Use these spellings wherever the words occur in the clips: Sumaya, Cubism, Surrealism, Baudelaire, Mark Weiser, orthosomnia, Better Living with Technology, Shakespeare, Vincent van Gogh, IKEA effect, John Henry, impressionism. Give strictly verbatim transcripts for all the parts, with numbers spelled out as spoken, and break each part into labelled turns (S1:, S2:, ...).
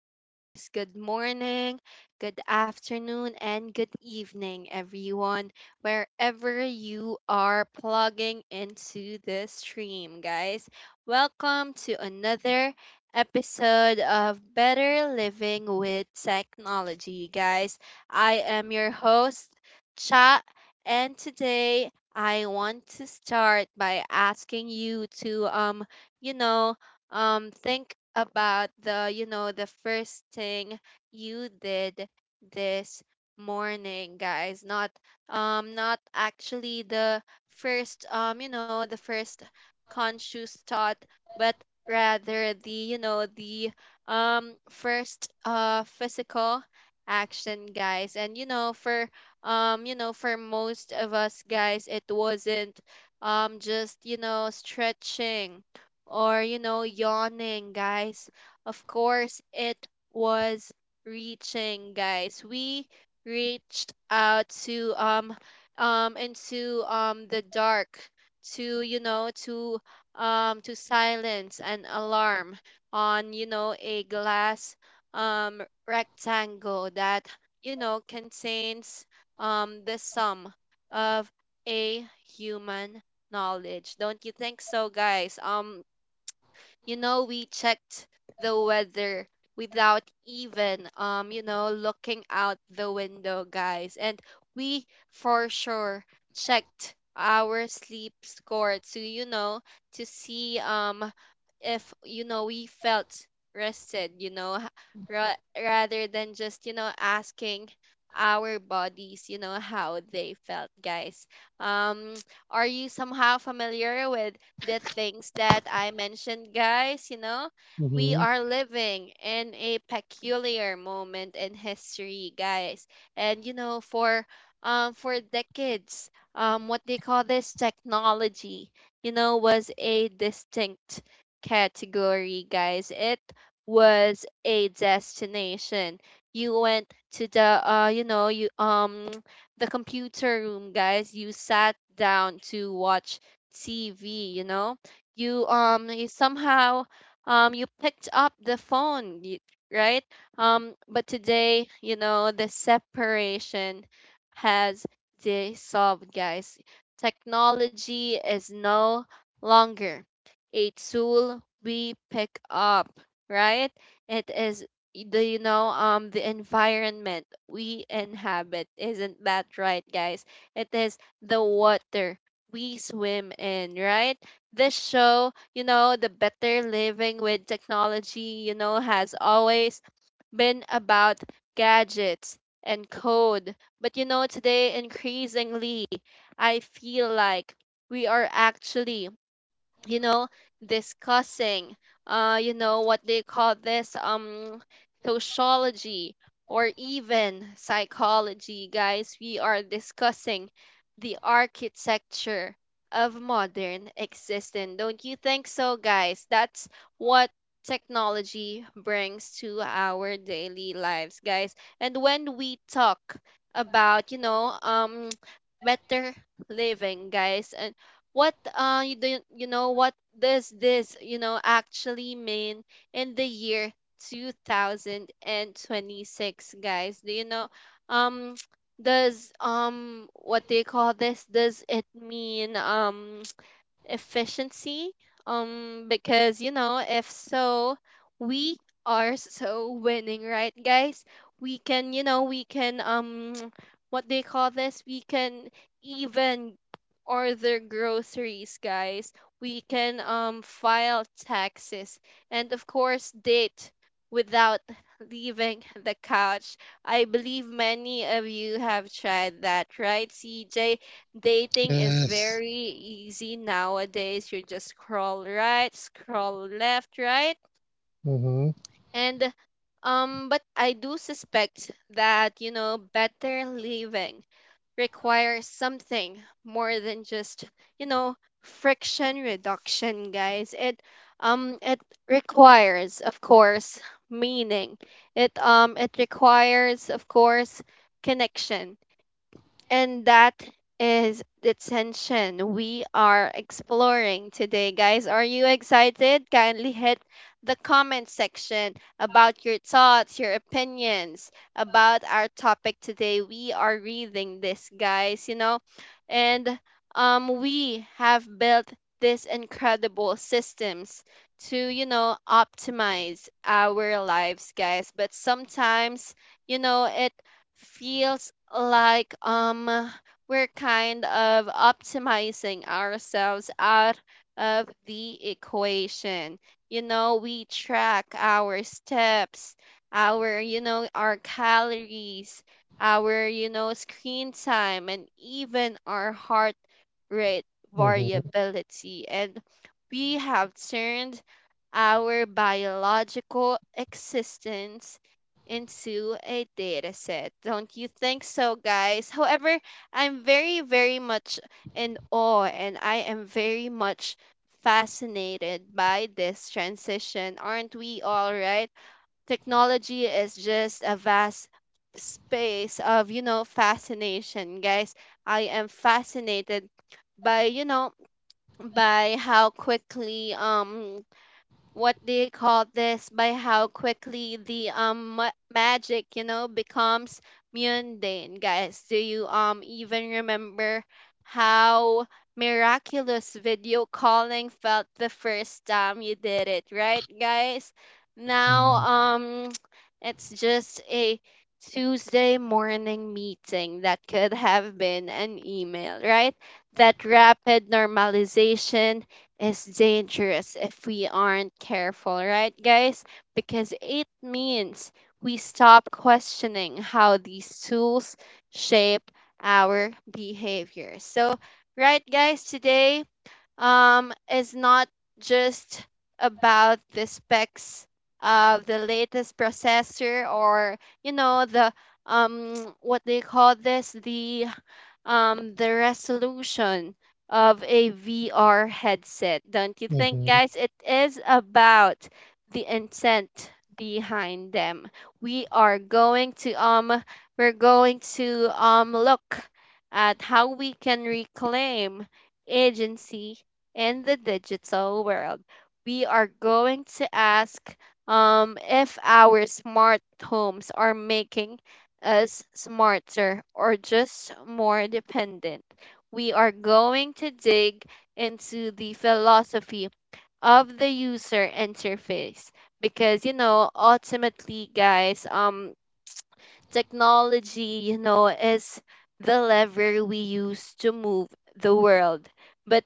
S1: listeners. Good morning, good afternoon, and good evening, everyone, wherever you are plugging into this stream, guys. Welcome to another episode of Better Living with Technology, guys. I am your host, Cha, and today I want to start by asking you to, um, you know, um think about the you know the first thing you did this morning, guys. Not, um not actually the first, um you know the first conscious thought, but rather the you know the um first uh physical action, guys. And you know For, um you know for most of us, guys, it wasn't, um just, you know stretching or, you know yawning, guys. Of course, it was reaching, guys. We reached out to, um um into, um the dark to, you know to, um to silence an alarm on, you know a glass, um rectangle that, you know contains, um the sum of a human knowledge. Don't you think so, guys? Um you know we checked the weather without even, um you know looking out the window, guys. And we, for sure, checked our sleep score to, you know to see, um if, you know we felt rested, you know h- ra- rather than just, you know asking our bodies, you know how they felt, guys. um are you somehow familiar with the things that I mentioned, guys? You know, we
S2: Mhm.
S1: are living in a peculiar moment in history, guys. And, you know, for, um for decades, um what they call this, technology, you know, was a distinct category, guys. It was a destination. You went to the uh you know, you um the computer room, guys. You sat down to watch T V, you know. You um you somehow, um you picked up the phone, y- right? Um but today, you know, the separation has dissolved, guys. Technology is no longer a tool we pick up, right? It is the you know um the environment we inhabit, isn't that right, guys? It is the water we swim in, right? This show, you know, the better living with technology, you know, has always been about gadgets and code. But, you know, today increasingly, I feel like we are actually, you know discussing, uh you know what they call this, um sociology or even psychology, guys. We are discussing the architecture of modern existence. Don't you think so, guys? That's what technology brings to our daily lives, guys. And when we talk about, you know um better living, guys, what uh you, do, you know what does this, you know actually mean in the year two thousand twenty-six, guys? Do you know, um does um what they call this does it mean, um efficiency? Um because, you know if so, we are so winning, right, guys? We can, you know we can, um what they call this we can even order groceries, guys. We can, um file taxes, and of course, date without leaving the couch. I believe many of you have tried that, right, CJ? Dating is
S2: Yes.
S1: very easy nowadays. You just scroll right, scroll left, right?
S2: Mhm.
S1: And um But I do suspect that, you know, better living requires something more than just, you know, friction reduction, guys. It um it requires, of course, meaning. It um it requires, of course, connection, and that is the tension we are exploring today, guys. Are you excited? Kindly hit the comment section about your thoughts, your opinions about our topic today. We are reading this, guys, you know, and, um, we have built these incredible systems to, you know, optimize our lives, guys. But sometimes, you know, it feels like, um we're kind of optimizing ourselves out of the equation. You know, we track our steps, our, you know, our calories, our, you know, screen time, and even our heart rate
S2: Mhm.
S1: variability, and we have turned our biological existence into a data set. Don't you think so, guys? However, I'm very, very much in awe, and I am very much fascinated by this transition. Aren't we all, right? Technology is just a vast space of, you know, fascination, guys. I am fascinated by, you know, by how quickly, um what do you call this by how quickly the, um ma- magic, you know becomes mundane, guys. Do you, um even remember how miraculous video calling felt the first time you did it, right, guys? Now,
S2: Yeah.
S1: um it's just a Tuesday morning meeting that could have been an email, right? That rapid normalization is dangerous if we aren't careful, right, guys? Because it means we stop questioning how these tools shape our behavior. So, right, guys, today, um, is not just about the specs of the latest processor, or, you know, the um what they call this the um, the resolution of a V R headset. Don't you think,
S2: Mhm.
S1: guys? It is about the intent behind them. We are going to, um, we're going to um look at how we can reclaim agency in the digital world. We are going to ask, um if our smart homes are making us smarter or just more dependent. We are going to dig into the philosophy of the user interface, because, you know ultimately, guys, um technology, you know is the lever we use to move the world. But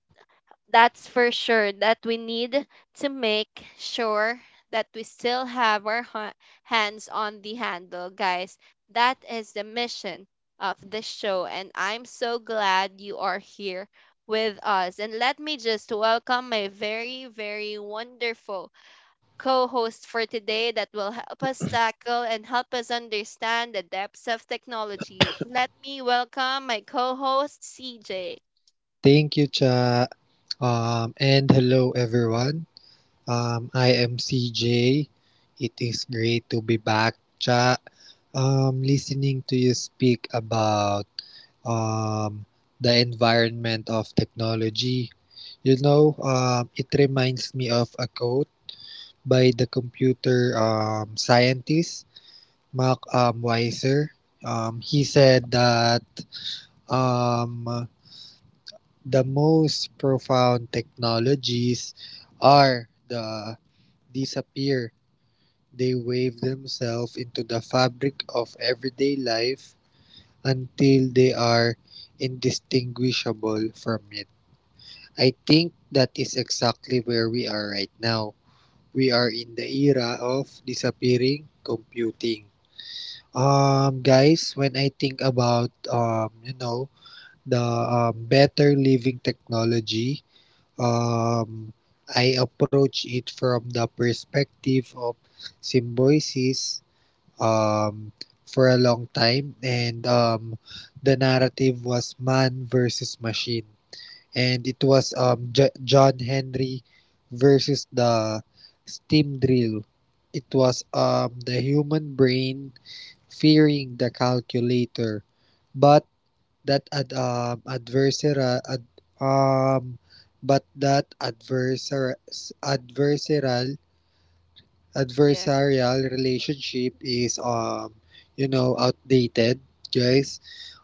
S1: that's for sure that we need to make sure that we still have our, ha- hands on the handle, guys. That is the mission of this show, and I'm so glad you are here with us. And let me just welcome my very, very wonderful co-host for today that will help us tackle and help us understand the depths of technology. Let me welcome my co-host, CJ.
S2: Thank you, Cha. Um, and hello, everyone. Um, I am C J. It is great to be back, Cha. Um, listening to you speak about um, the environment of technology. You know, um, it reminds me of a quote by the computer um, scientist Mark um, Weiser. Um, he said that um, the most profound technologies are the disappear. They wave themselves into the fabric of everyday life until they are indistinguishable from it. I think that is exactly where we are right now. We are in the era of disappearing computing. Um, guys, when I think about um, you know, the um, better living technology, um, I approach it from the perspective of symbiosis. Um, for a long time, and um, the narrative was man versus machine, and it was um J- John Henry versus the steam drill. It was um the human brain fearing the calculator, but that ad- um adversarial ad- um but that adversar- adversarial
S1: Yeah.
S2: adversarial relationship is um you know outdated, guys.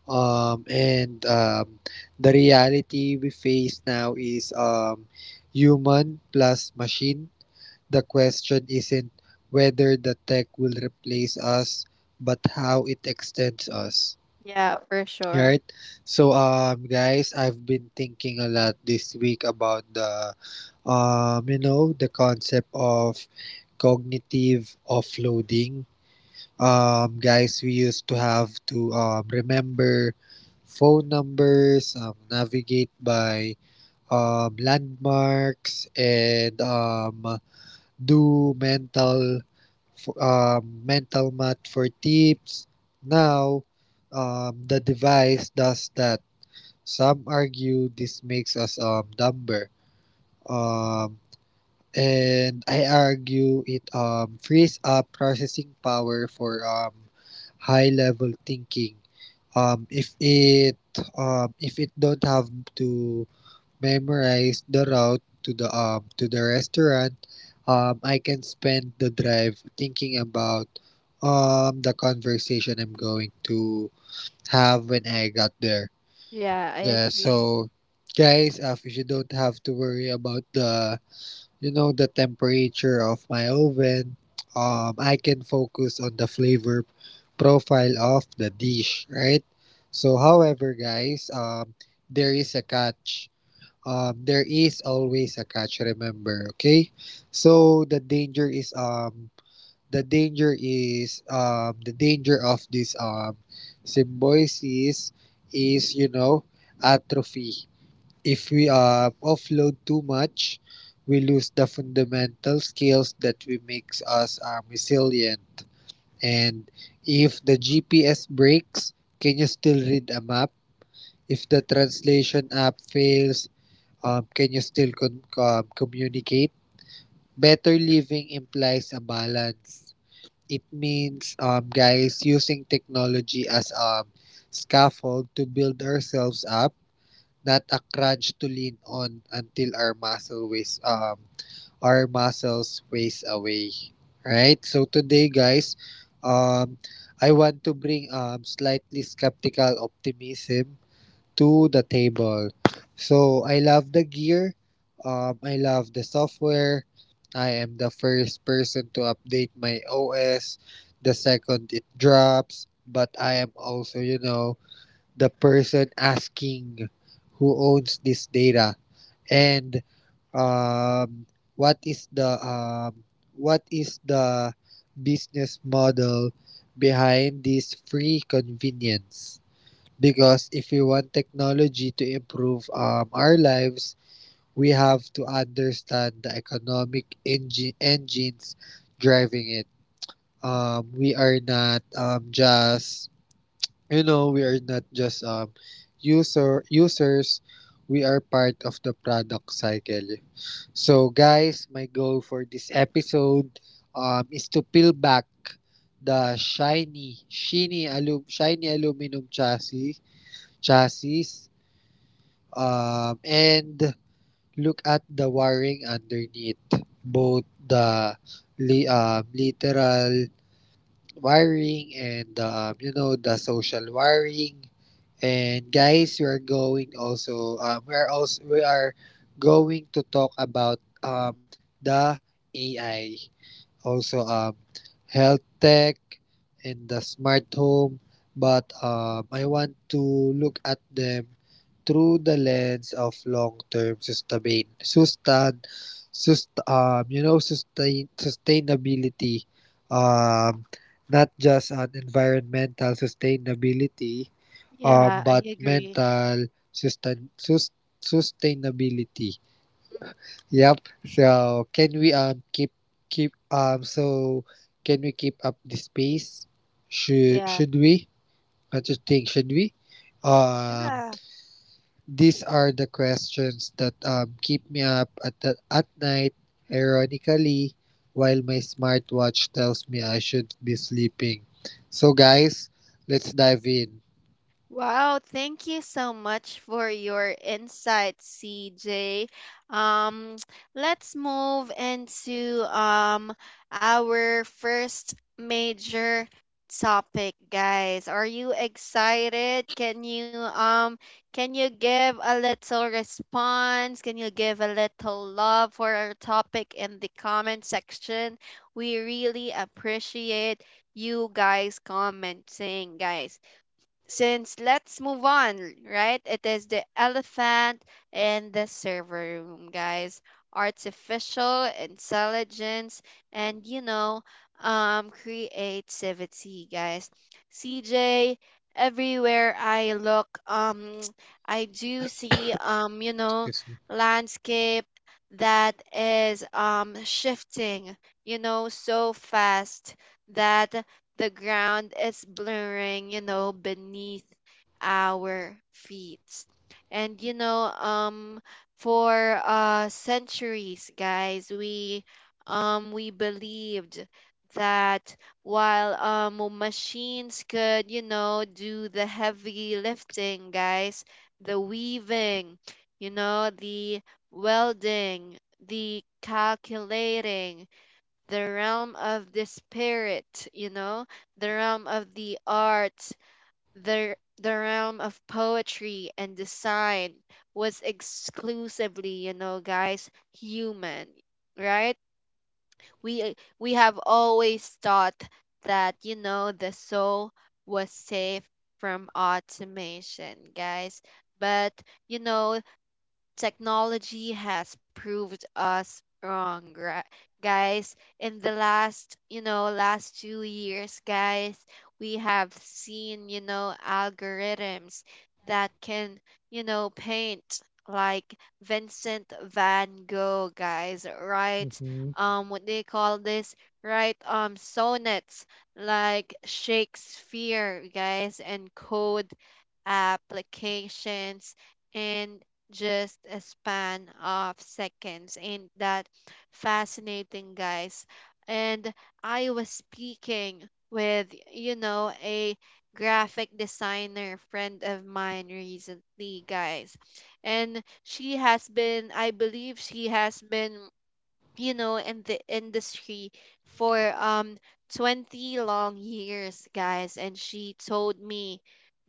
S2: Um, and um, the reality we face now is um, human plus machine. The question isn't whether the tech will replace us, but how it extends us.
S1: Yeah, for sure.
S2: Right? So, um, guys, I've been thinking a lot this week about the, um, you know, the concept of cognitive offloading. Um, guys, we used to have to um, remember phone numbers, um, navigate by um, landmarks, and um, do mental um, mental math for tips. Now, um, the device does that. Some argue this makes us um, dumber. Um, and I argue it um, frees up processing power for um, high level thinking. Um, if it um, if it don't have to memorize the route to the um, to the restaurant, um, I can spend the drive thinking about um, the conversation I'm going to have when I got there.
S1: Yeah, I
S2: Yeah,
S1: agree.
S2: so guys, uh, if you don't have to worry about the you know the temperature of my oven, um, I can focus on the flavor profile of the dish, right? So, however, guys, um, there is a catch. Um, there is always a catch. Remember, okay? So the danger is um the danger is um the danger of this um symbiosis is you know atrophy. If we uh, offload too much, we lose the fundamental skills that we makes us um, resilient. And if the G P S breaks, can you still read a map? If the translation app fails, um, can you still con- um, communicate? Better living implies a balance. It means, um, guys, using technology as a scaffold to build ourselves up, not a crutch to lean on until our muscle waste um our muscles waste away. Right? So today, guys, um I want to bring um slightly skeptical optimism to the table. So I love the gear. um I love the software. I am the first person to update my O S the second it drops, but I am also you know the person asking, who owns this data? And um, what is the um, what is the business model behind this free convenience? Because if we want technology to improve um, our lives, we have to understand the economic engine engines driving it. um, we are not um, just You know, we are not just um, user users, we are part of the product cycle. So guys, my goal for this episode um, is to peel back the shiny, shiny, alum, shiny aluminum chassis, chassis, um, and look at the wiring underneath, both the li, um, literal wiring and um, you know the social wiring. And guys, we are going also um, we are also we are going to talk about um, the A I, also um, health tech, and the smart home, but um, I want to look at them through the lens of long-term sustain, sustain, sust, um, you know, sustain, sustainability, um, not just an environmental sustainability, um,
S1: Yeah, I
S2: but
S1: agree.
S2: mental sustain, sus, sustainability.
S1: Mhm.
S2: Yep. So can we um keep keep um so can we keep up the pace? Should
S1: Yeah.
S2: should we? What you think? Should we? Um,
S1: Yeah.
S2: these are the questions that um keep me up at the, at night. Ironically, while my smartwatch tells me I should be sleeping. So guys, let's dive in.
S1: Wow, thank you so much for your insight, C J. Um, let's move into, um our first major topic, guys. Are you excited? Can you um can you give a little response? Can you give a little love for our topic in the comment section? We really appreciate you guys commenting, guys. Since let's move on, right? It is the elephant in the server room, guys. Artificial intelligence and, you know, um, creativity, guys. C J, everywhere I look, um, I do see, um, you know,
S2: Excuse me.
S1: landscape that is, um shifting, you know, so fast that the ground is blurring, you know, beneath our feet. And, you know, um for, uh centuries, guys, we um we believed that while, um machines could, you know, do the heavy lifting, guys, the weaving, you know, the welding, the calculating, the realm of the spirit, you know, the realm of the arts, the the realm of poetry and design, was exclusively, you know, guys, human, right? We we have always thought that, you know, the soul was safe from automation, guys. But, you know, technology has proved us wrong, gra- guys, in the last, you know last two years, guys, we have seen, you know algorithms that can, you know paint like Vincent van Gogh, guys, right?
S2: Mm-hmm.
S1: um what they call this Right, um sonnets like Shakespeare, guys, and code applications in just a span of seconds. Ain't that fascinating, guys? And I was speaking with, you know, a graphic designer friend of mine recently, guys. And she has been, I believe she has been, you know in the industry for, um twenty long years, guys, and she told me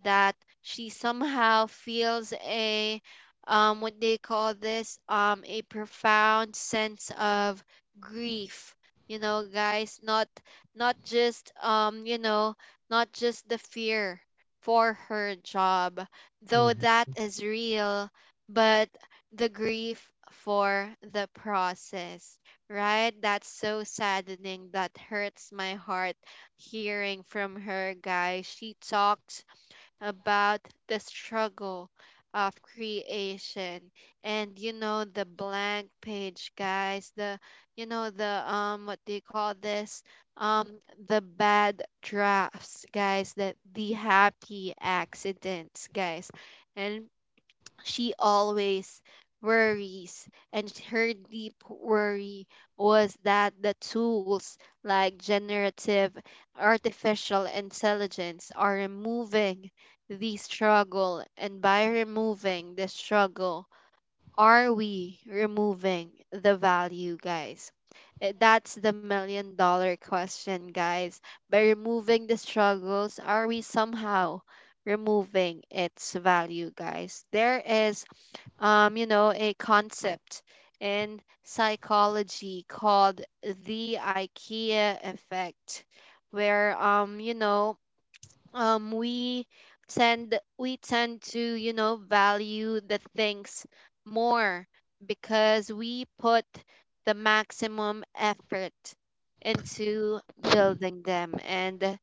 S1: that she somehow feels a um what they call this um a profound sense of grief, you know guys. not not just um you know Not just the fear for her job, though
S2: Mm-hmm.
S1: that is real, but the grief for the process. Right? That's so saddening. That hurts my heart hearing from her, guys. She talks about the struggle of creation, and, you know the blank page, guys, the you know the um what do you call this um the bad drafts, guys, that the happy accidents, guys. And she always worries, and her deep worry was that the tools like generative artificial intelligence are removing the struggle, and by removing the struggle, are we removing the value, guys? Eh, that's the million dollar question, guys. By removing the struggles, are we somehow removing its value, guys? There is, um, you know, a concept in psychology called the IKEA effect, where, um, you know, um, we tend we tend to, you know value the things more because we put the maximum effort into building them. And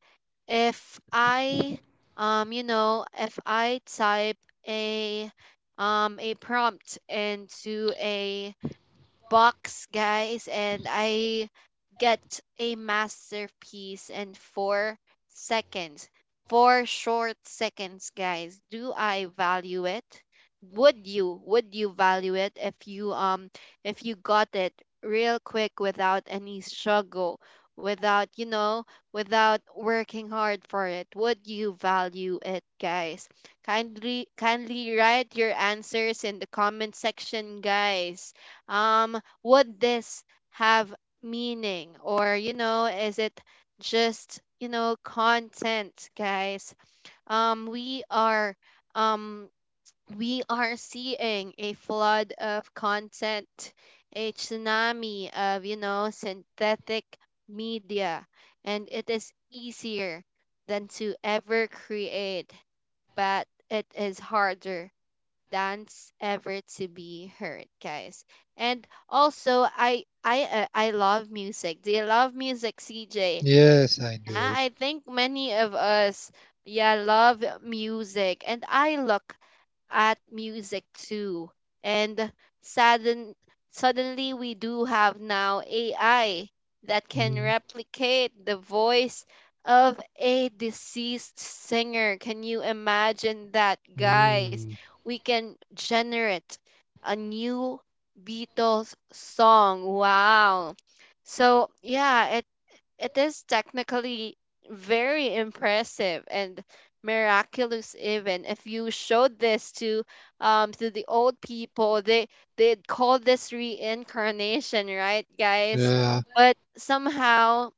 S1: if I, um you know if I type a um a prompt into a box, guys, and I get a masterpiece in four seconds. Four short seconds, guys. Do I value it? Would you would you value it if you, um if you got it real quick without any struggle, without, you know, without working hard for it? Would you value it, guys? Kindly kindly write your answers in the comment section, guys. Um would this have meaning, or you know is it just, you know, content, guys? Um we are um we are seeing a flood of content, a tsunami of, you know, synthetic media, and it is easier than to ever create, but it is harder dance ever to be heard, guys. And also, I I uh, I love music. Do you love music, C J?
S2: Yes, I
S1: Yeah,
S2: do.
S1: I think many of us, yeah, love music, and I look at music too. And sudden, suddenly we do have now A I that can
S2: Mm-hmm.
S1: replicate the voice of a deceased singer. Can you imagine that, guys?
S2: Mm.
S1: We can generate a new Beatles song. Wow. So, yeah, it is technically very impressive and miraculous. Even if you showed this to um to the old people, they they'd call this reincarnation, right, guys?
S2: Yeah.
S1: But somehow,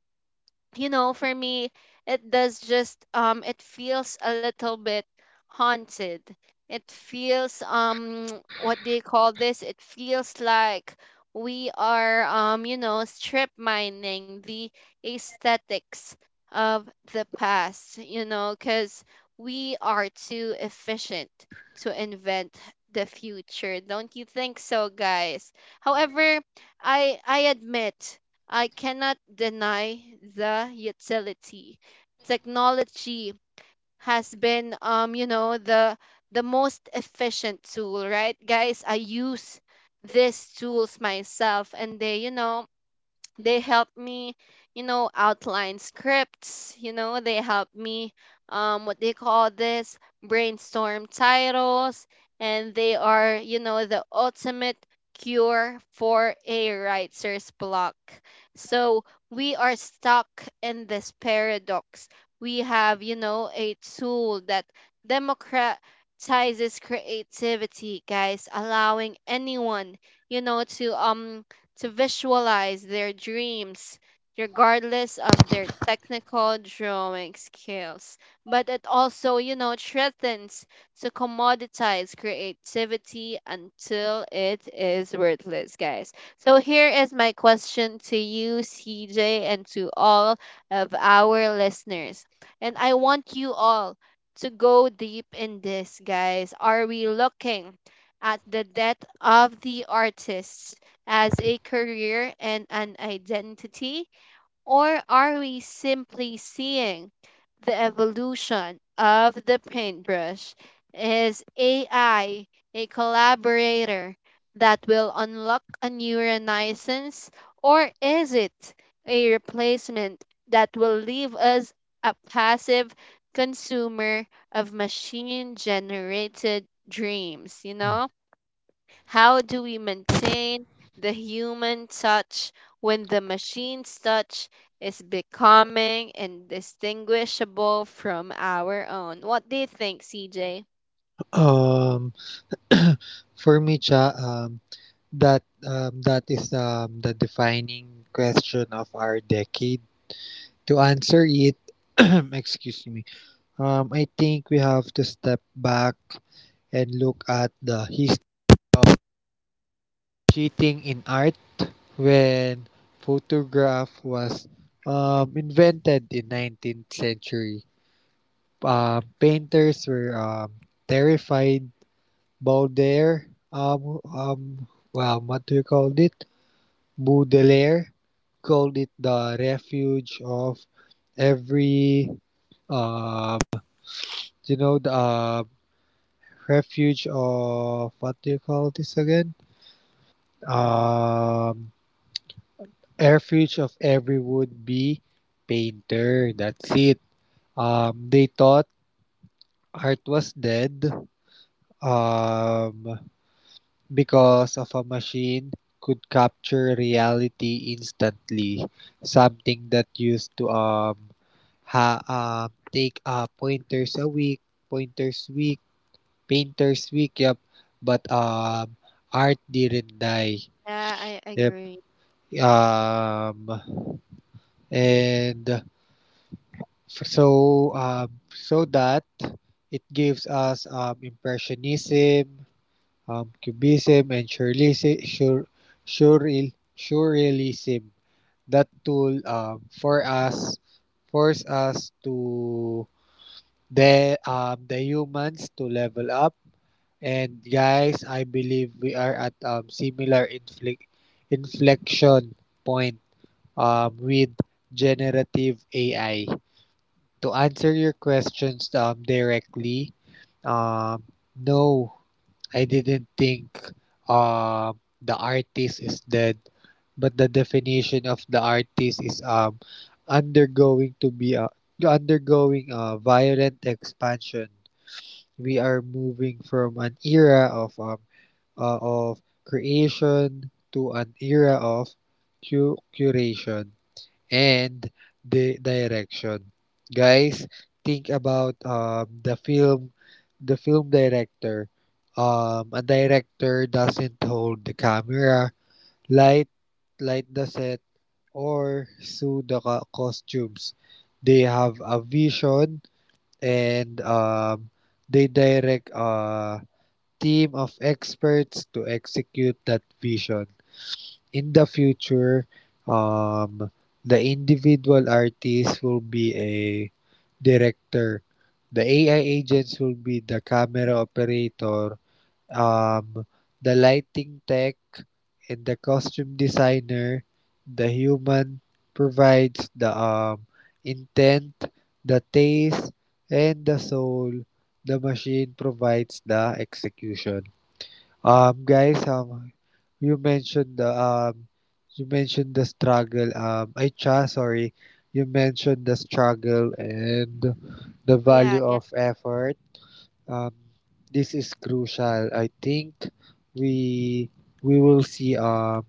S1: you know, for me, it does just um it feels a little bit haunted. It feels um what do you call this? It feels like we are, um you know, strip mining the aesthetics of the past, you know, cuz we are too efficient to invent the future. Don't you think so, guys? However, I I admit I cannot deny the utility. Technology has been, um, you know, the the most efficient tool, right, guys? I use these tools myself, and they, you know, they helped me, you know, outline scripts. You know, they helped me, um what they call this, brainstorm titles, and they are, you know, the ultimate cure for a writer's block. So we are stuck in this paradox. We have, you know, a tool that democratizes creativity, guys, allowing anyone, you know, to um to visualize their dreams regardless of their technical drawing skills. But it also, you know, threatens to commoditize creativity until it is worthless, guys. So here is my question to you, C J, and to all of our listeners. And I want you all to go deep in this, guys. Are we looking at the death of the artists as a career and an identity? Or are we simply seeing the evolution of the paintbrush? Is A I a collaborator that will unlock a new renaissance? Or is it a replacement that will leave us a passive consumer of machine generated dreams, you know? How do we maintain the human touch when the machine's touch is becoming indistinguishable from our own? What do you think, C J?
S2: Um. For me, Cha, um, that um, that is um, the defining question of our decade. To answer it, excuse me, um, I think we have to step back and look at the history of cheating in art when photograph was um, invented in nineteenth century. Uh, painters were um, terrified. Baudelaire, um, um, well, what do you call it? Baudelaire called it the refuge of every, uh you know the uh, refuge of what do you call this again? Um Refuge of every would be painter. That's it. Um they thought art was dead. Um Because if a machine could capture reality instantly, something that used to um ha um take uh pointers a week, pointers week, painters week, yep. But um art didn't die.
S1: Yeah, I
S2: Yep.
S1: agree.
S2: Um and f- so um so that it gives us um impressionism, um, Cubism, and Surrealism, sur, surreal, Surrealism. That tool um, for us force us to the um, the humans to level up. And guys, I believe we are at um, similar inflic inflection point um, with generative A I. To answer your questions um, directly, um, no, I didn't think um the artist is dead, but the definition of the artist is um undergoing to be a undergoing a violent expansion. We are moving from an era of um uh, of creation to an era of cu- curation and the direction. Guys, think about um, the film, the film director. Um, a director doesn't hold the camera, light, light the set, or sew the co- costumes. They have a vision and um, they direct a team of experts to execute that vision. In the future, um, the individual artist will be a director. The A I agents will be the camera operator, um, the lighting tech, and the costume designer. The human provides the um, intent, the taste, and the soul. The machine provides the execution. Um, guys, um, you mentioned the um, you mentioned the struggle. Um, ay, Cha, sorry, you mentioned the struggle and the
S1: Oh, yeah,
S2: value
S1: yeah,
S2: of effort. Um, this is crucial. I think we we will see um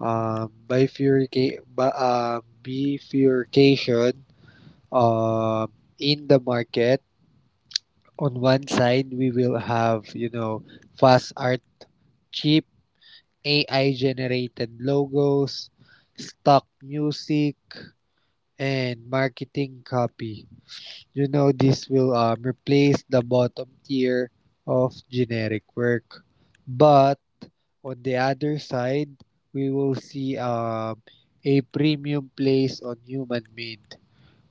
S2: um bifurca- ba- um, bifurcation um in the market. On one side, we will have you know fast art, cheap A I generated logos, stock music, and marketing copy. You know, this will um, replace the bottom tier of generic work. But on the other side, we will see um, a premium place on human made.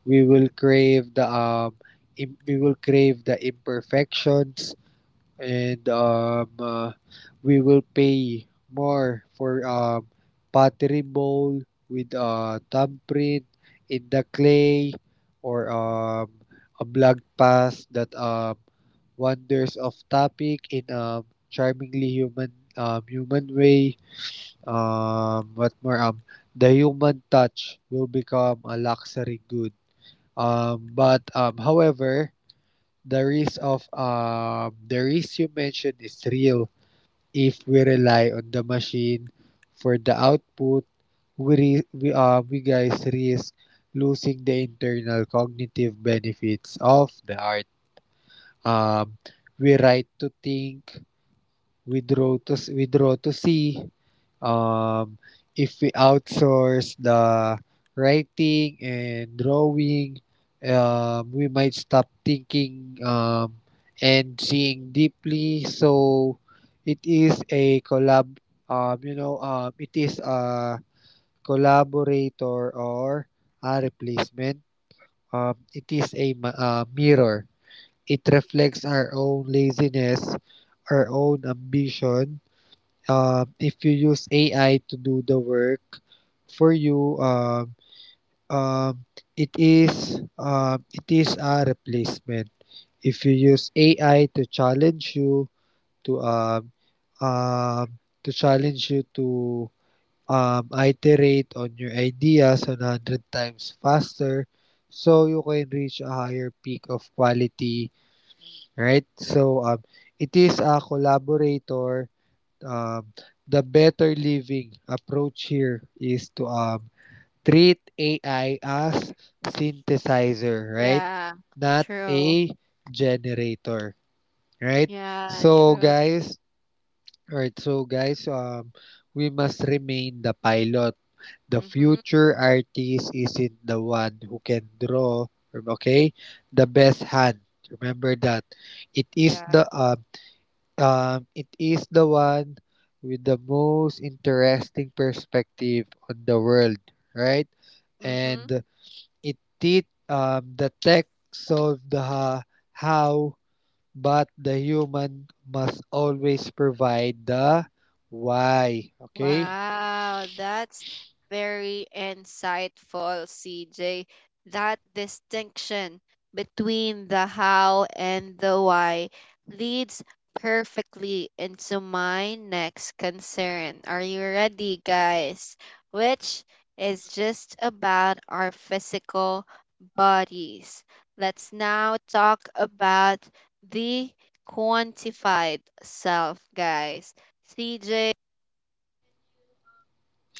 S2: We will crave the um, im- we will crave the imperfections, and um, uh, we will pay more for um, pottery bowl with a thumbprint in the clay, or um, a blog pass that um, wonders of topic in um, charmingly human um, human way. Um, what more? Um, the human touch will become a luxury good. Um, but um, However, the risk of um, the risk you mentioned is real. If we rely on the machine for the output, we re- we uh, we guys risk losing the internal cognitive benefits of the art. Um, we write to think, we draw to s- we draw to see, um, if we outsource the writing and drawing, um, we might stop thinking, um, and seeing deeply. So it is a collab, um, you know, um, it is a collaborator or a replacement. Um, it is a ma- uh, mirror. It reflects our own laziness, our own ambition. Um, if you use A I to do the work for you, um, um, it is um, it is a replacement. If you use A I to challenge you to um, um, to challenge you to um, iterate on your ideas on one hundred times faster, so you can reach a higher peak of quality, right? So um, it is a collaborator. um, the better living approach here is to um, treat A I as synthesizer, right?
S1: yeah.
S2: Not
S1: True.
S2: a generator, right?
S1: Yeah,
S2: So
S1: true.
S2: guys, alright, so guys, um, we must remain the pilot. The
S1: Mhm.
S2: future artist isn't the one who can draw, okay? The best hand. Remember that. It is
S1: Yeah.
S2: the uh, Um, it is the one with the most interesting perspective on the world, right?
S1: Mhm.
S2: And it did um, the tech solve the ha- how, but the human must always provide the why. Okay?
S1: Wow, that's very insightful, C J. That distinction between the how and the why leads perfectly into my next concern. Are you ready, guys? Which is just about our physical bodies. Let's now talk about the quantified self, guys. C J,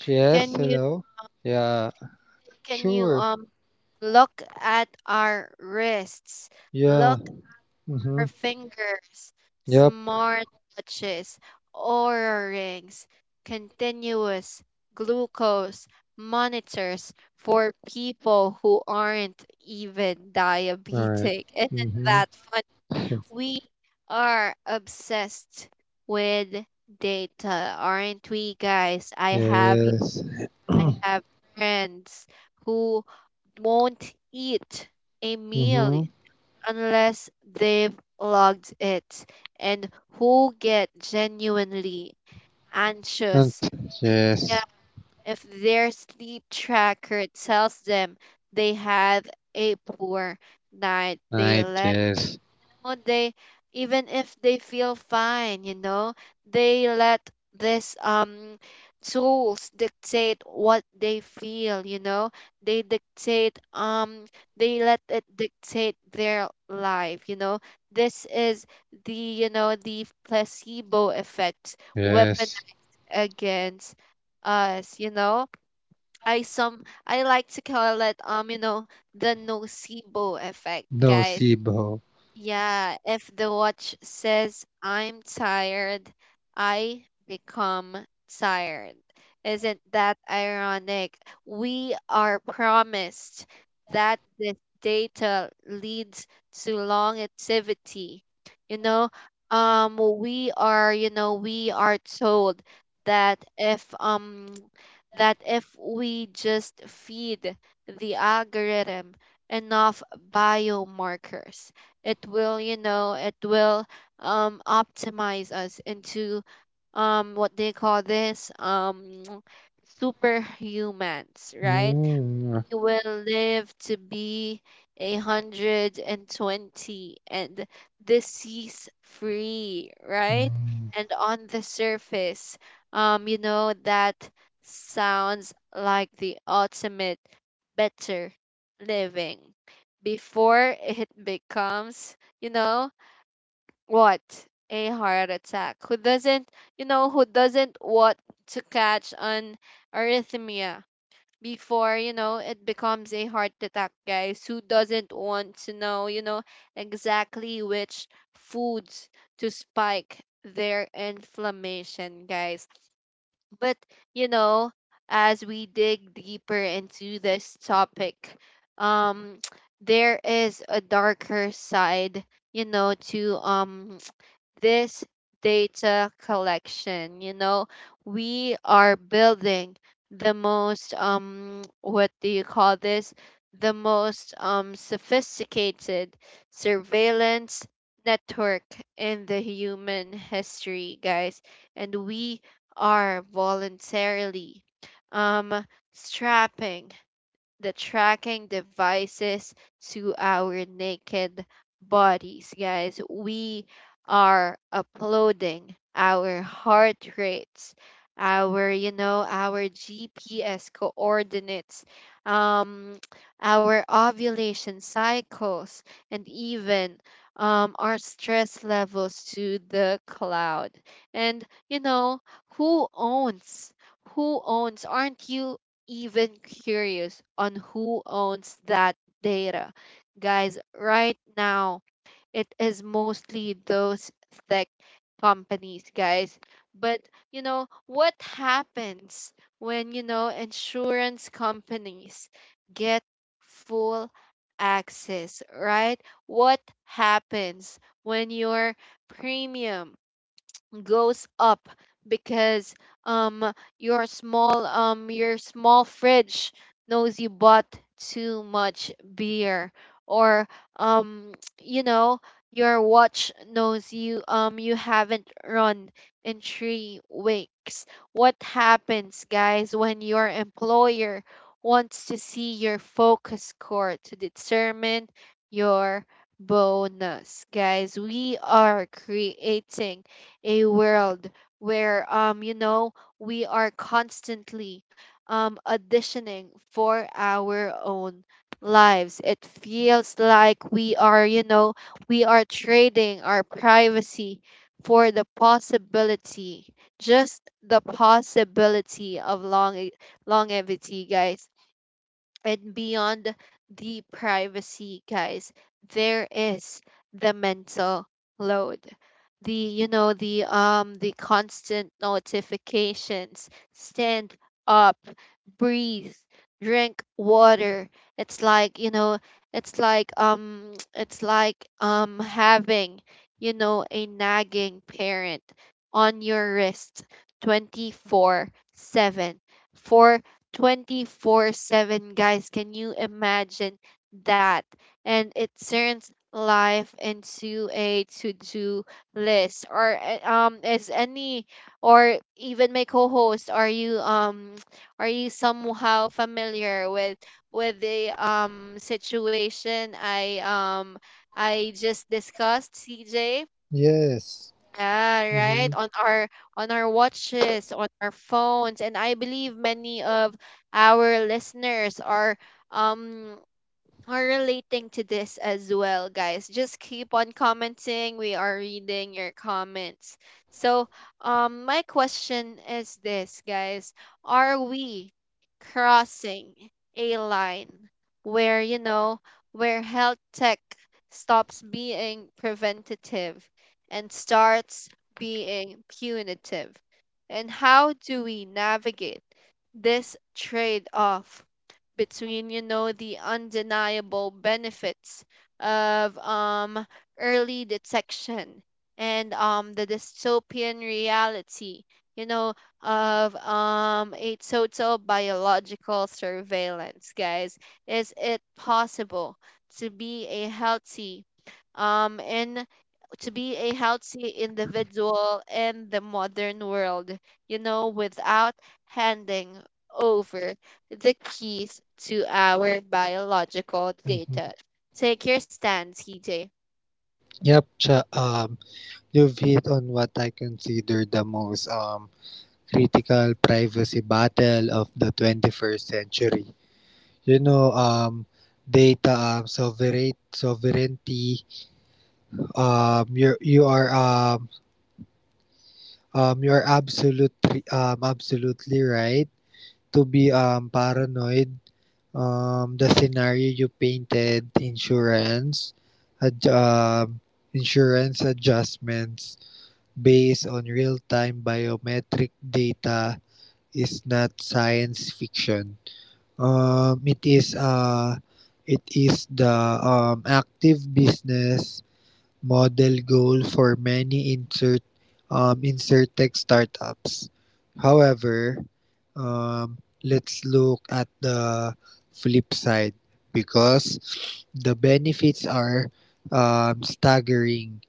S2: Yes.
S1: can you?
S2: Hello. Yeah.
S1: Can you
S2: Sure.
S1: um look at our wrists,
S2: Yeah.
S1: look our
S2: Mhm.
S1: fingers,
S2: Yep.
S1: smart watches, aura rings, continuous glucose monitors for people who aren't even
S2: All right.
S1: diabetic. Isn't
S2: Mhm.
S1: that fun? We are obsessed with data, aren't we, guys? I have
S2: Yes.
S1: I have friends who won't eat a meal
S2: Mhm.
S1: unless they've logged it, and who get genuinely
S2: And
S1: anxious if, yeah,
S2: yes.
S1: if their sleep tracker tells them they had a poor night, they
S2: Right,
S1: let,
S2: yes,
S1: oh, they, even if they feel fine, you know, they let this um tools dictate what they feel, you know. They dictate um they let it dictate their life, you know. This is the, you know, the placebo effect weapon
S2: yes.
S1: against us, you know. I some I like to call it, um, you know, the nocebo effect, guys.
S2: Nocebo.
S1: Yeah, if the watch says I'm tired, I become tired. Isn't that ironic? We are promised that this data leads to long activity. You know, um we are, you know, we are told that if um that if we just feed the algorithm enough biomarkers, it will, you know, it will um optimize us into um what they call this, um superhumans, right?
S2: Mm.
S1: You will live to be a hundred and twenty and disease free, right?
S2: Mm.
S1: And on the surface, um, you know, that sounds like the ultimate better living before it becomes, you know, what? A heart attack. Who doesn't, you know, who doesn't want to catch an arrhythmia before, you know, it becomes a heart attack, guys? Who doesn't want to know, you know, exactly which foods to spike their inflammation, guys? But, you know, as we dig deeper into this topic, um there is a darker side, you know, to um this data collection. You know, we are building the most, um, what do you call this? The most, um, sophisticated surveillance network in the human history, guys. And we are voluntarily, um, strapping the tracking devices to our naked bodies, guys. We are uploading our heart rates, our, you know, our G P S coordinates, um, our ovulation cycles, and even, um, our stress levels to the cloud. And, you know, who owns? Who owns? Aren't you even curious on who owns that data? Guys, right now, it is mostly those tech companies, guys. But, you know, what happens when, you know, insurance companies get full access, right? What happens when your premium goes up because um your small um your small fridge knows you bought too much beer, or um you know, your watch knows you um you haven't run in three weeks? What happens, guys, when your employer wants to see your focus score to determine your bonus, guys? We are creating a world where, um you know, we are constantly, um, auditioning for our own lives. It feels like we are, you know, we are trading our privacy for the possibility, just the possibility of long longevity, guys. And beyond the privacy, guys, there is the mental load, the, you know, the, um, the constant notifications: stand up, breathe, drink water. It's like, you know, it's like, um it's like, um, having, you know, a nagging parent on your wrist twenty-four seven for. twenty-four seven, guys, can you imagine that? And it turns life into a to-do list. Or uh, um Is any or even my co-host, are you, um are you somehow familiar with with the um situation i um I just discussed, CJ?
S2: Yes.
S1: Yeah, right.
S2: Mm-hmm.
S1: On our on our watches, on our phones, and I believe many of our listeners are um are relating to this as well, guys. Just keep on commenting. We are reading your comments. So, um, my question is this, guys: Are we crossing a line where, you know, where health tech stops being preventative and starts being punitive? And how do we navigate this trade-off between, you know, the undeniable benefits of um early detection and um the dystopian reality, you know, of um a total biological surveillance, guys? Is it possible to be a healthy um and to be a healthy individual in the modern world, you know, without handing over the keys to our biological
S2: Mm-hmm.
S1: data? Take your stance, T J.
S2: Yep, Cha, um, you've hit on what I consider the most um critical privacy battle of the twenty-first century. You know, um, Data, um, sovereign sovereignty. Um, you you are um um you're absolutely um absolutely right to be um paranoid. Um, the scenario you painted, insurance, ad, um insurance adjustments based on real-time biometric data is not science fiction. Um, it is uh, it is the um, active business model goal for many insert um, insurtech startups. However, um, let's look at the flip side, because the benefits are um, staggering.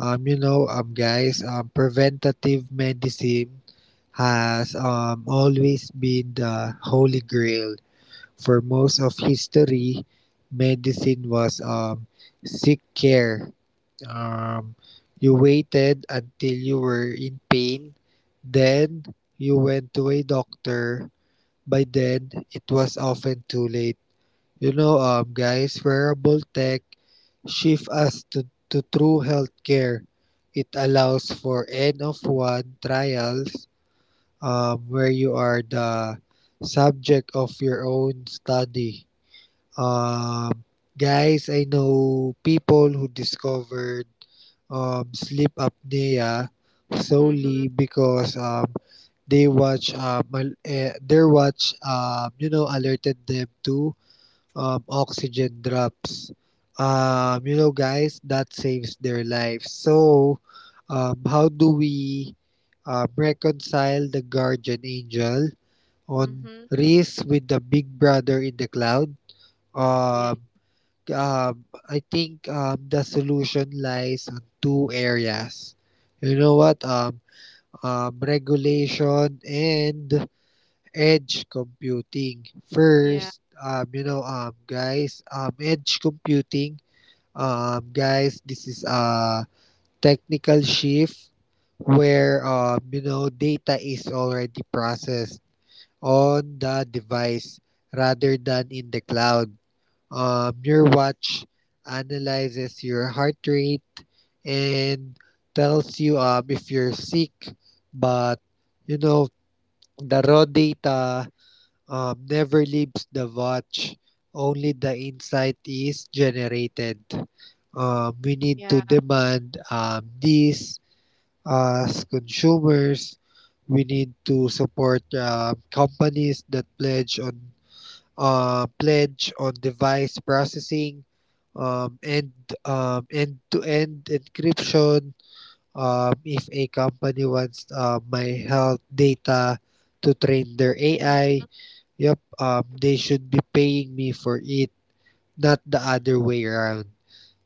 S2: Um, you know, um, guys, um, preventative medicine has um, always been the holy grail. For most of history, medicine was um, sick care. Um, you waited until you were in pain, then you went to a doctor. By then, it was often too late. You know, um, guys, wearable tech shift us to, to true healthcare. It allows for N of one trials, um, where you are the subject of your own study. Um, guys, I know people who discovered um, sleep apnea
S1: Mm-hmm.
S2: solely because um, they watch um, al- eh, their watch um, you know alerted them to um, oxygen drops. Um, you know, guys, that saves their lives. So, um, how do we um, reconcile the guardian angel on
S1: Mm-hmm.
S2: risk with the big brother in the cloud?
S1: Yeah.
S2: Um, um, I think um, the solution lies on two areas. You know what? Um, um, regulation and edge computing.
S1: Yeah.
S2: First, um, you know, um, guys, um, edge computing. Um, guys, this is a technical shift where um, you know data is already processed on the device rather than in the cloud. Um, your watch analyzes your heart rate and tells you um, if you're sick. But you know, the raw data um, never leaves the watch. Only the insight is generated. Um, we need
S1: Yeah.
S2: to demand um, this as consumers. We need to support uh, companies that pledge on uh, pledge on device processing, um, and um, end-to-end encryption. Um, if a company wants uh, my health data to train their
S1: Mm.
S2: A I, yep, um, they should be paying me for it, not the other way around.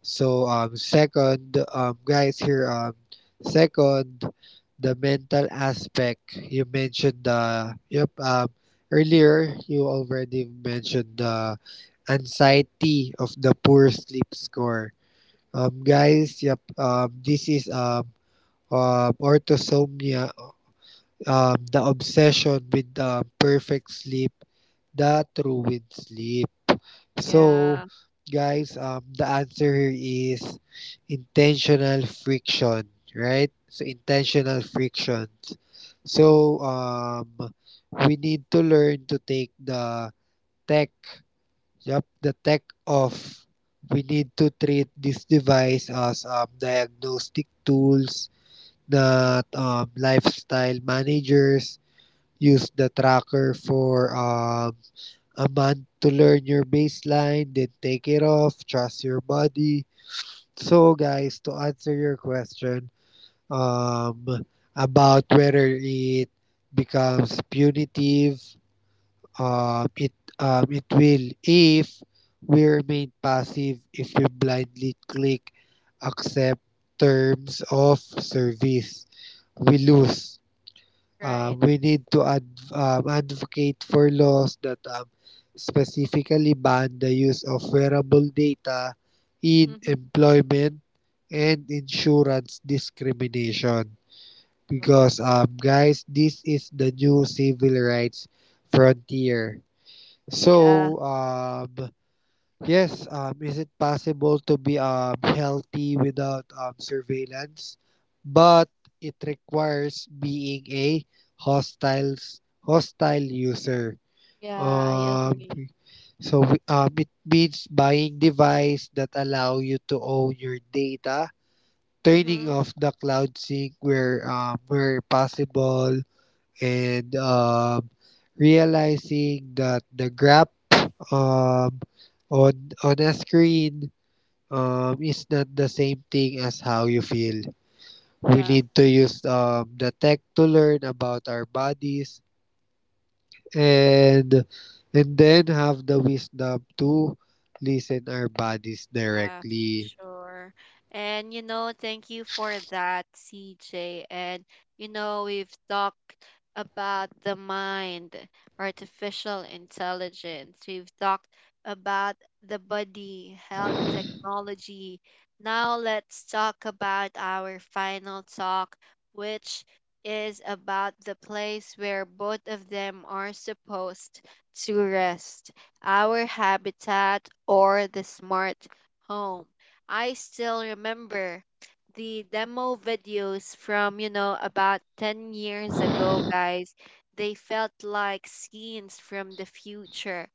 S2: So um, second, um, guys, here um, second, the mental aspect. You mentioned the yep um, earlier. You already mentioned the anxiety of the poor sleep score. Um, guys, yep. Um, this is um, uh, orthosomnia. Um, the obsession with the perfect sleep, that true sleep.
S1: Yeah.
S2: So, guys, um, the answer here is intentional friction, right? So, intentional frictions. So, um, we need to learn to take the tech, yep, the tech off. We need to treat this device as um, diagnostic tools that um, lifestyle managers use the tracker for um, a month to learn your baseline, then take it off, trust your body. So, guys, to answer your question um, about whether it becomes punitive, um, it um, it will if we remain passive. If we blindly click accept terms of service, we lose.
S1: Right.
S2: Um, we need to adv- um, advocate for laws that um, specifically ban the use of wearable data in
S1: Mm-hmm.
S2: employment and insurance discrimination. Because, um, guys, this is the new civil rights frontier.
S1: Yeah.
S2: So, um, yes, um, is it possible to be um, healthy without um, surveillance? But it requires being a hostile hostile user.
S1: Yeah, I
S2: Um,
S1: agree.
S2: so we- um, it means buying device that allow you to own your data, turning
S1: Mm-hmm.
S2: off the cloud sync where um, where possible, and um, realizing that the graph um, on on a screen um, is not the same thing as how you feel. We
S1: Yeah.
S2: need to use um, the tech to learn about our bodies and and then have the wisdom to listen our bodies
S1: Yeah, for
S2: directly.
S1: sure. And you know, thank you for that, C J. And you know, we've talked about the mind, artificial intelligence. We've talked about the body, health technology. Now let's talk about our final talk, which is about the place where both of them are supposed to rest, our habitat or the smart home. I still remember the demo videos from, you know, about ten years ago, guys. They felt like scenes from the future.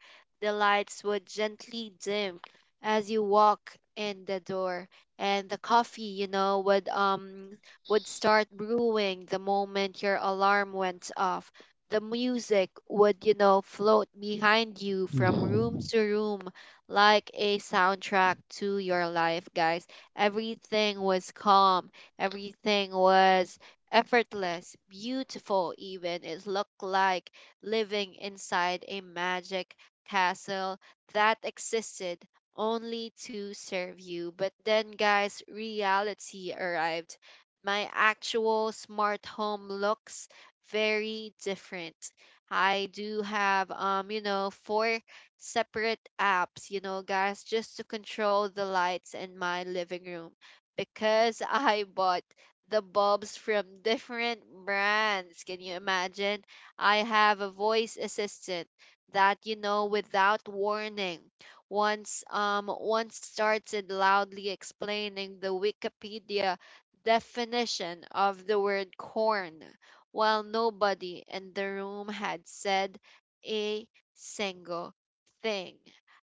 S1: The lights would gently dim as you walk in the door, and the coffee, you know, would um would start brewing the moment your alarm went off. The music would, you know, float behind you from room
S2: Mm.
S1: to room like a soundtrack to your life, guys. Everything was calm, everything was effortless, beautiful, even. It looked like living inside a magic castle that existed only to serve you. But then, guys, reality arrived. My actual smart home looks very different. I do have, um you know, four separate apps, you know, guys, just to control the lights in my living room, because I bought the bulbs from different brands. Can you imagine? I have a voice assistant that, you know, without warning, once um once started loudly explaining the Wikipedia definition of the word corn while nobody in the room had said a single thing.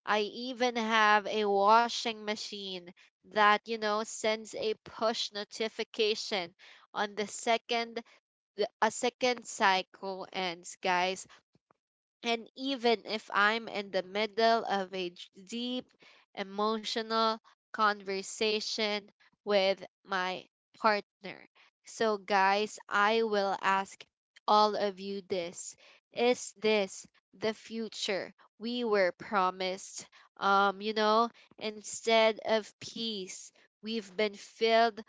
S1: I even have a washing machine that, you know, sends a push notification on the second the, a second cycle ends, guys. And even if I'm in the middle of a j- deep emotional conversation with my partner. So, guys, I will ask all of you this: Is this the future we were promised? Um, you know, instead of peace, we've been filled,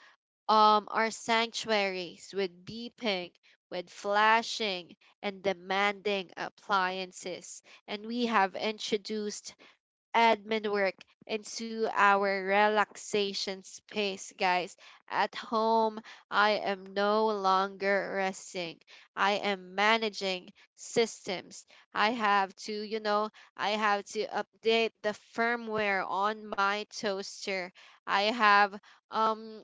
S1: um, are sanctuaries with beeping, with flashing, and demanding appliances. And we have introduced admin work into our relaxation space, guys. At home, I am no longer resting. I am managing systems. I have to, you know, I have to update the firmware on my toaster. I have um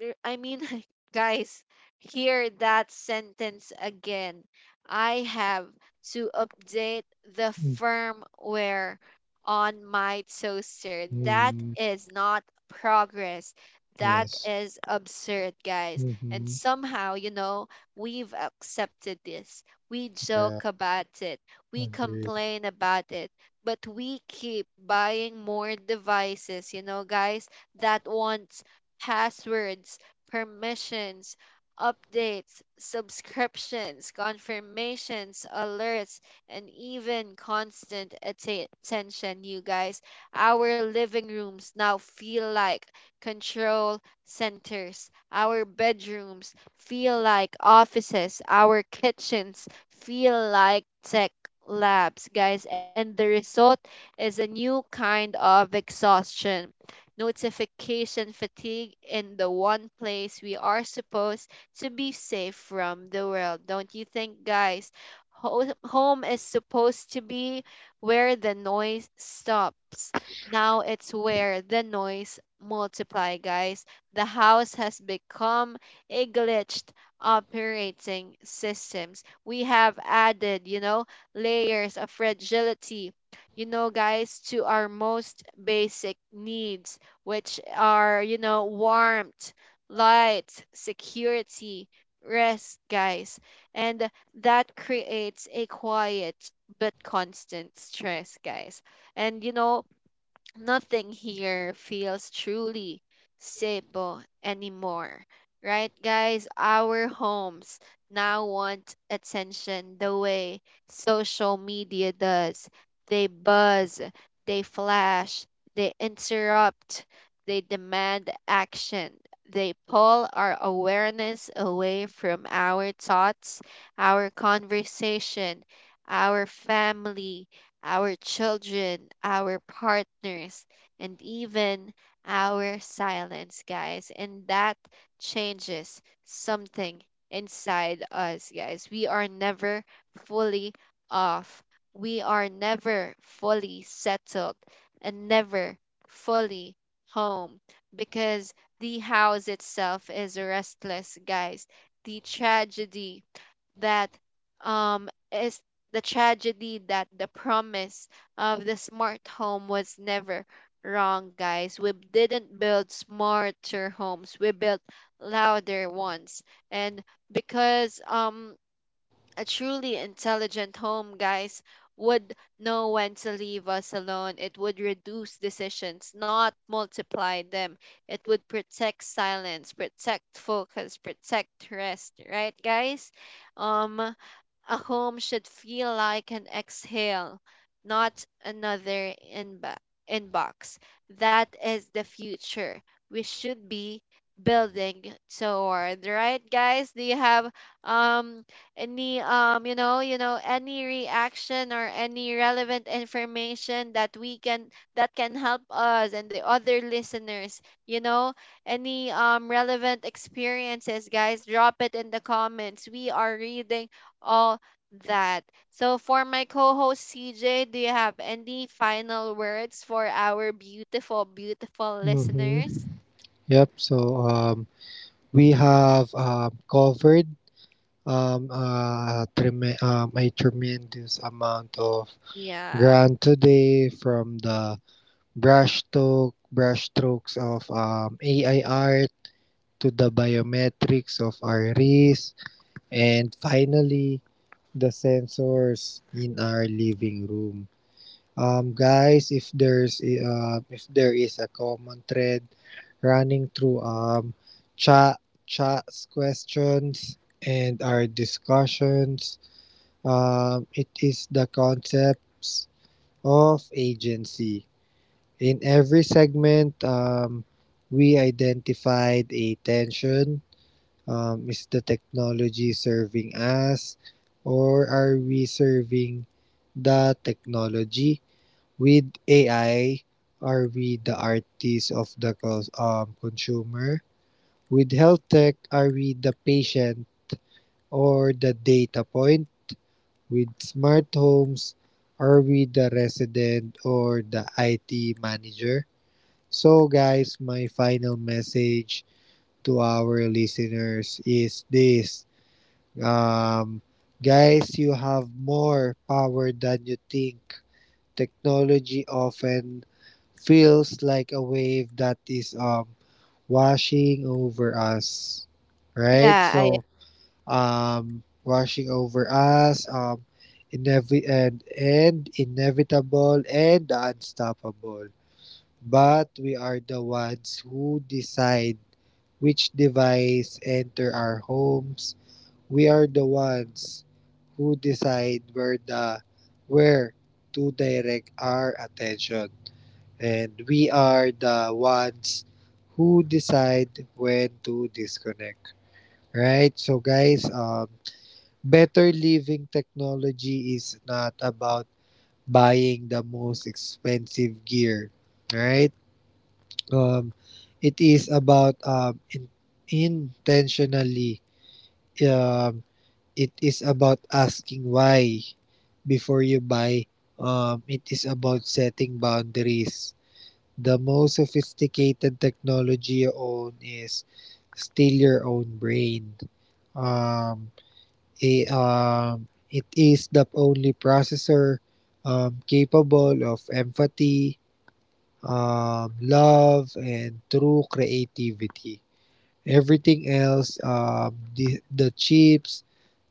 S1: r- I mean, guys, hear that sentence again. I have to update the firmware on my toaster. That
S2: Mhm.
S1: is not progress. That
S2: Yes.
S1: is absurd, guys. And
S2: Mm-hmm.
S1: somehow, you know, we've accepted this. We
S2: Yeah,
S1: joke about it. We
S2: agree.
S1: complain about it. But we keep buying more devices, you know, guys, that want passwords, permissions, updates, subscriptions, confirmations, alerts, and even constant atta- attention, you guys. Our living rooms now feel like control centers. Our bedrooms feel like offices. Our kitchens feel like tech labs, guys. And the result is a new kind of exhaustion, notification fatigue in the one place we are supposed to be safe from the world. Don't you think, guys? Ho- Home is supposed to be where the noise stops. Now it's where the noise multiply, guys. The house has become a glitched operating systems. We have added, you know, layers of fragility, you know, guys, to our most basic needs, which are, you know, warmth, light, security, rest, guys. And that creates a quiet but constant stress, guys. And, you know, nothing here feels truly stable anymore. Right, guys? Our homes now want attention the way social media does. They buzz, they flash, they interrupt, they demand action. They pull our awareness away from our thoughts, our conversation, our family, our children, our partners, and even our silence, guys. And that changes something inside us, guys. We are never fully off, we are never fully settled, and never fully home because the house itself is restless, guys. The tragedy that um is the tragedy that the promise of the smart home was never wrong, guys. We didn't build smarter homes, we built louder ones. And because um a truly intelligent home, guys, would know when to leave us alone. It would reduce decisions, not multiply them. It would protect silence, protect focus, protect rest, right, guys? um a home should feel like an exhale, not another inbo- inbox. That is the future we should be building toward, right, guys? Do you have um any um you know you know any reaction or any relevant information that we can that can help us and the other listeners? You know any um relevant experiences, guys? Drop it in the comments. We are reading all that. So for my co-host C J, do you have any final words for our beautiful, beautiful
S2: Mm-hmm.
S1: listeners?
S2: Yep. So um, we have um, covered um, uh, trem- um, a tremendous amount of
S1: Yeah.
S2: granted today, from the brushstroke, brushstrokes of um, A I art to the biometrics of our wrists, and finally, the sensors in our living room. Um, guys, if there's a- uh, if there is a common thread running through um, chat chat's questions and our discussions, um, it is the concepts of agency. In every segment, um, we identified a tension. Um, is the technology serving us, or are we serving the technology? With A I, are we the artist of the um, consumer? With health tech, are we the patient or the data point? With smart homes, are we the resident or the I T manager? So, guys, my final message to our listeners is this. Um, guys, you have more power than you think. Technology often feels like a wave that is um, washing over us, right?
S1: Yeah, I
S2: So, um, washing over us, um, inevi- and, and inevitable and unstoppable. But we are the ones who decide which device enter our homes. We are the ones who decide where the where to direct our attention. And we are the ones who decide when to disconnect. Right? So guys, um better living technology is not about buying the most expensive gear. Right? Um, it is about um, in- intentionally. Um, it is about asking why before you buy. Um, it is about setting boundaries. The most sophisticated technology you own is still your own brain. Um, i- um, it is the only processor um, capable of empathy, um, love, and true creativity. Everything else, um, the the chips,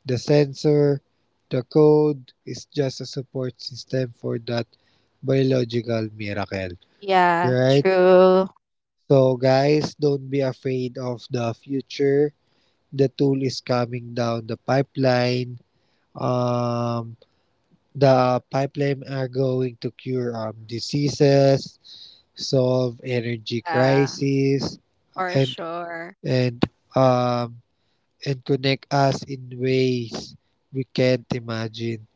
S2: the sensor, the code is just a support system for that biological miracle,
S1: Yeah,
S2: right?
S1: true.
S2: So guys, don't be afraid of the future. The tool is coming down the pipeline. Um, the pipeline are going to cure um, diseases, solve energy
S1: Yeah,
S2: crises,
S1: for
S2: and
S1: sure.
S2: and um, and connect us in ways we can't imagine.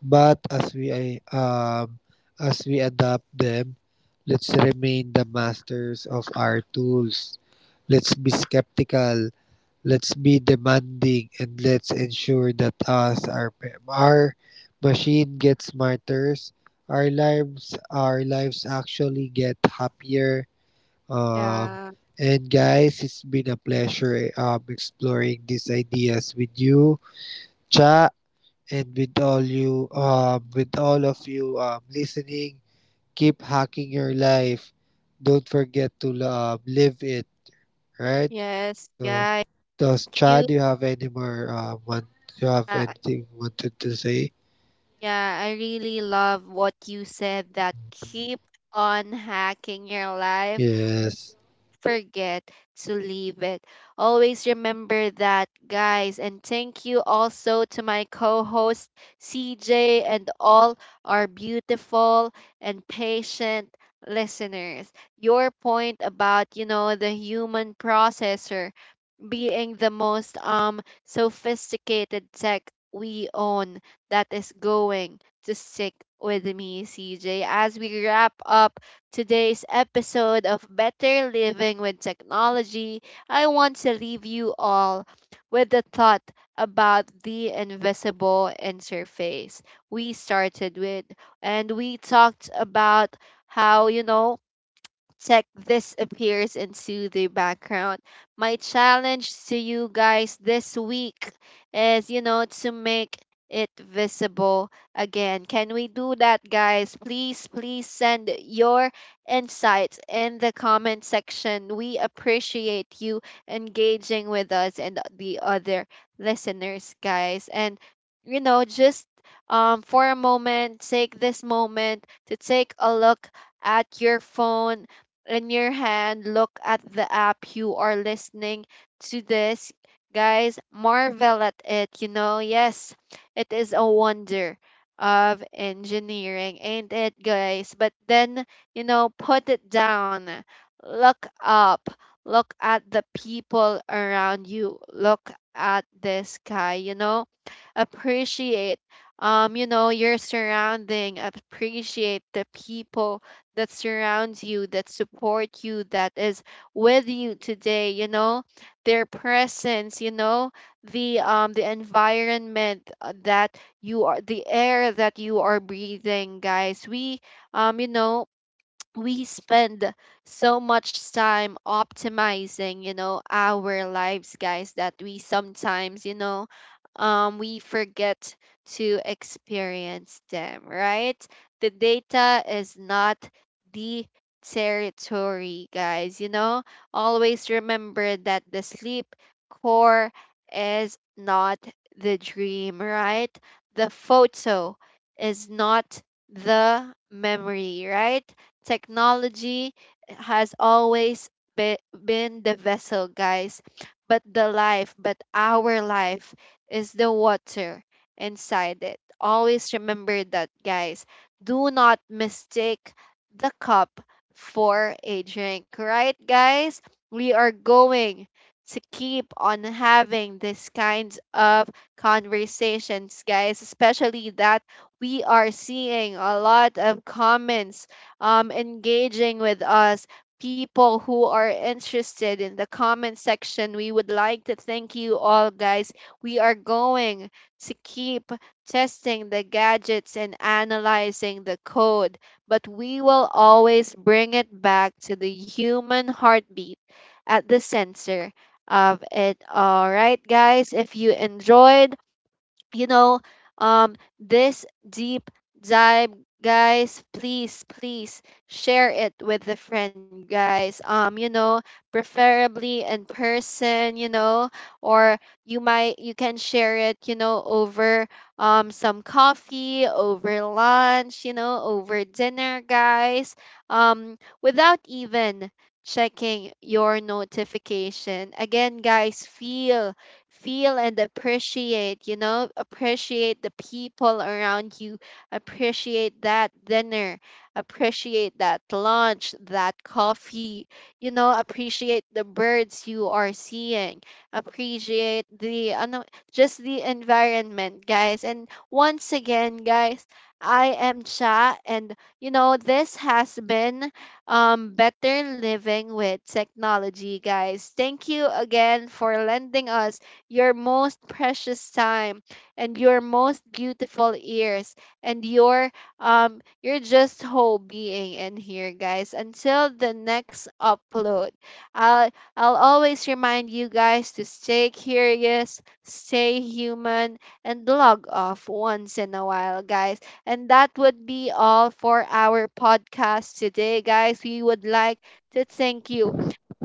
S2: But as we um as we adopt them, let's remain the masters of our tools. Let's be skeptical. Let's be demanding, and let's ensure that us our our machine gets smarter, our lives our lives actually get happier, um,
S1: Yeah.
S2: and guys, it's been a pleasure eh, um, exploring these ideas with you, Cha, and with all you, um, with all of you um, listening. Keep hacking your life. Don't forget to um, live it. Right?
S1: Yes,
S2: So,
S1: guys.
S2: does
S1: Thank
S2: Cha,
S1: you.
S2: do you have any more? Um, want You have
S1: Uh,
S2: anything wanted to say?
S1: yeah, I really love what you said, that keep on hacking your life,
S2: Yes.
S1: forget to leave it. Always remember that, guys. And thank you also to my co host, C J, and all our beautiful and patient listeners. Your point about, you know, the human processor being the most um sophisticated tech we own, that is going to stick with me, C J, as we wrap up today's episode of Better Living with Technology. I want to leave you all with the thought about the invisible interface we started with, and we talked about how, you know, tech disappears into the background. My challenge to you guys this week is, you know, to make it visible again. Can we do that, guys? Please, please send your insights in the comment section. We appreciate you engaging with us and the other listeners, guys. And, you know, just um, for a moment, take this moment to take a look at your phone in your hand, look at the app you are listening to this. Guys, marvel at it. You know, yes, it is a wonder of engineering, ain't it, guys? But then, you know, put it down, look up, look at the people around you, look at the sky, you know, appreciate um you know your surrounding, appreciate the people that surrounds you, that support you, that is with you today, you know, their presence, you know, the um the environment, uh, that you are, the air that you are breathing, guys. We um you know we spend so much time optimizing, you know, our lives, guys, that we sometimes, you know, um we forget to experience them, right? The data is not the territory, guys, you know. Always remember that. The sleep core is not the dream, right? The photo is not the memory, right? Technology has always be, been the vessel, guys, but the life, but our life is the water inside it. Always remember that, guys. Do not mistake the cup for a drink, right, guys? We are going to keep on having these kinds of conversations, guys, especially that we are seeing a lot of comments um, engaging with us, people who are interested in the comment section. We would like to thank you all, guys. We are going to keep testing the gadgets and analyzing the code, but we will always bring it back to the human heartbeat at the center of it. All right, guys, if you enjoyed, you know, um, this deep dive, guys, please, please share it with a friend, guys. Um, you know, preferably in person, you know, or you might you can share it, you know, over um some coffee, over lunch, you know, over dinner, guys. Um, without even checking your notification. Again, guys, feel feel and appreciate, you know, appreciate the people around you, appreciate that dinner, appreciate that lunch, that coffee, you know, appreciate the birds you are seeing, appreciate the ano, just the environment, guys. And once again, guys, I am Cha and you know this has been, um, better living with technology, guys. Thank you again for lending us your most precious time, and your most beautiful ears, and your um your just whole being in here, guys. Until the next upload, I'll I'll always remind you guys to stay curious, stay human, and log off once in a while, guys. And that would be all for our podcast today, guys. We would like to thank you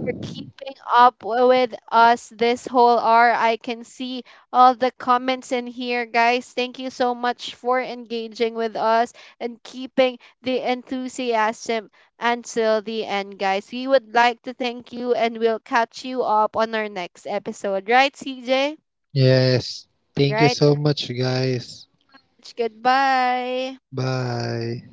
S1: for keeping up w- with us this whole hour. I can see all the comments in here, guys. Thank you so much for engaging with us and keeping the enthusiasm until the end, guys. We would like to thank you and we'll catch you up on our next episode. Right, C J?
S2: Yes. Thank you
S1: Right?
S2: so much, guys.
S1: Goodbye.
S2: Bye.